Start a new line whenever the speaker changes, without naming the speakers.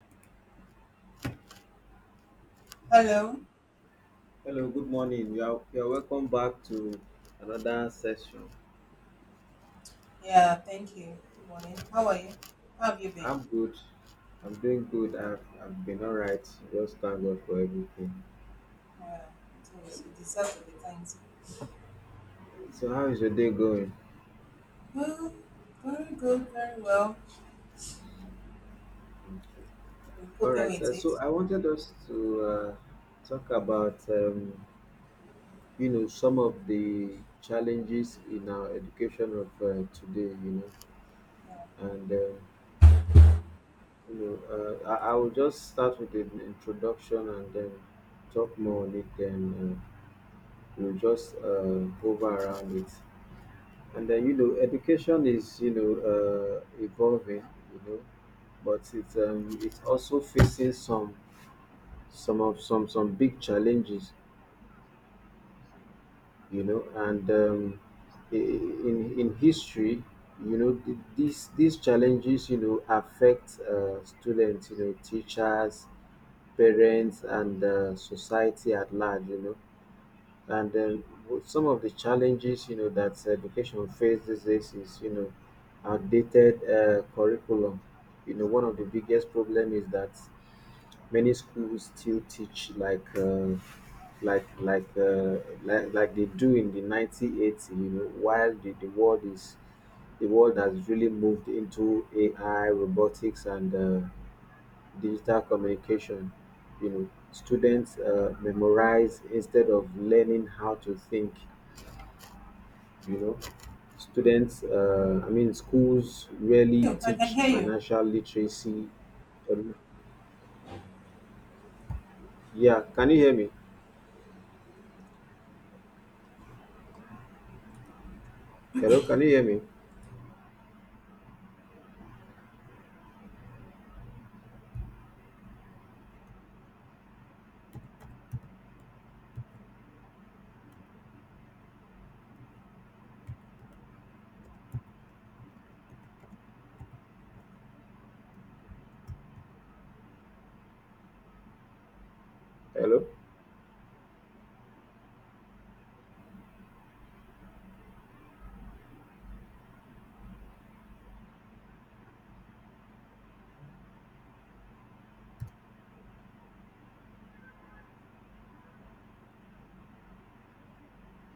Hello.
Hello, good morning. You are welcome back to another session.
Yeah, thank you. Good morning. How are you? How have you been?
I'm good. I'm doing good. I've been all right. Just thank God for everything.
Yeah, it is. You deserve to be thanked.
So, how is your day going?
Good, very good, very well.
Okay.
I've been
All
coping
right.
with it.
I wanted us to talk about, some of the challenges in our education of today, you know, and, I will just start with an introduction and then talk more on it then. You just hover around it. And then you know, education is you know evolving, you know, but it's also facing some of some big challenges, you know, and in history, you know, these challenges, you know, affect students, you know, teachers, parents, and society at large, you know. And then with some of the challenges, you know, that education faces, this is, you know, outdated curriculum. You know, one of the biggest problem is that many schools still teach like like uh, like they do in the 1980s. You know, while the world has really moved into AI, robotics, and digital communication. You know, students memorize instead of learning how to think, you know. Students I mean schools rarely
You, I can
teach
hear you.
financial literacy. um, yeah, can you hear me? Hello, can you hear me? Hello?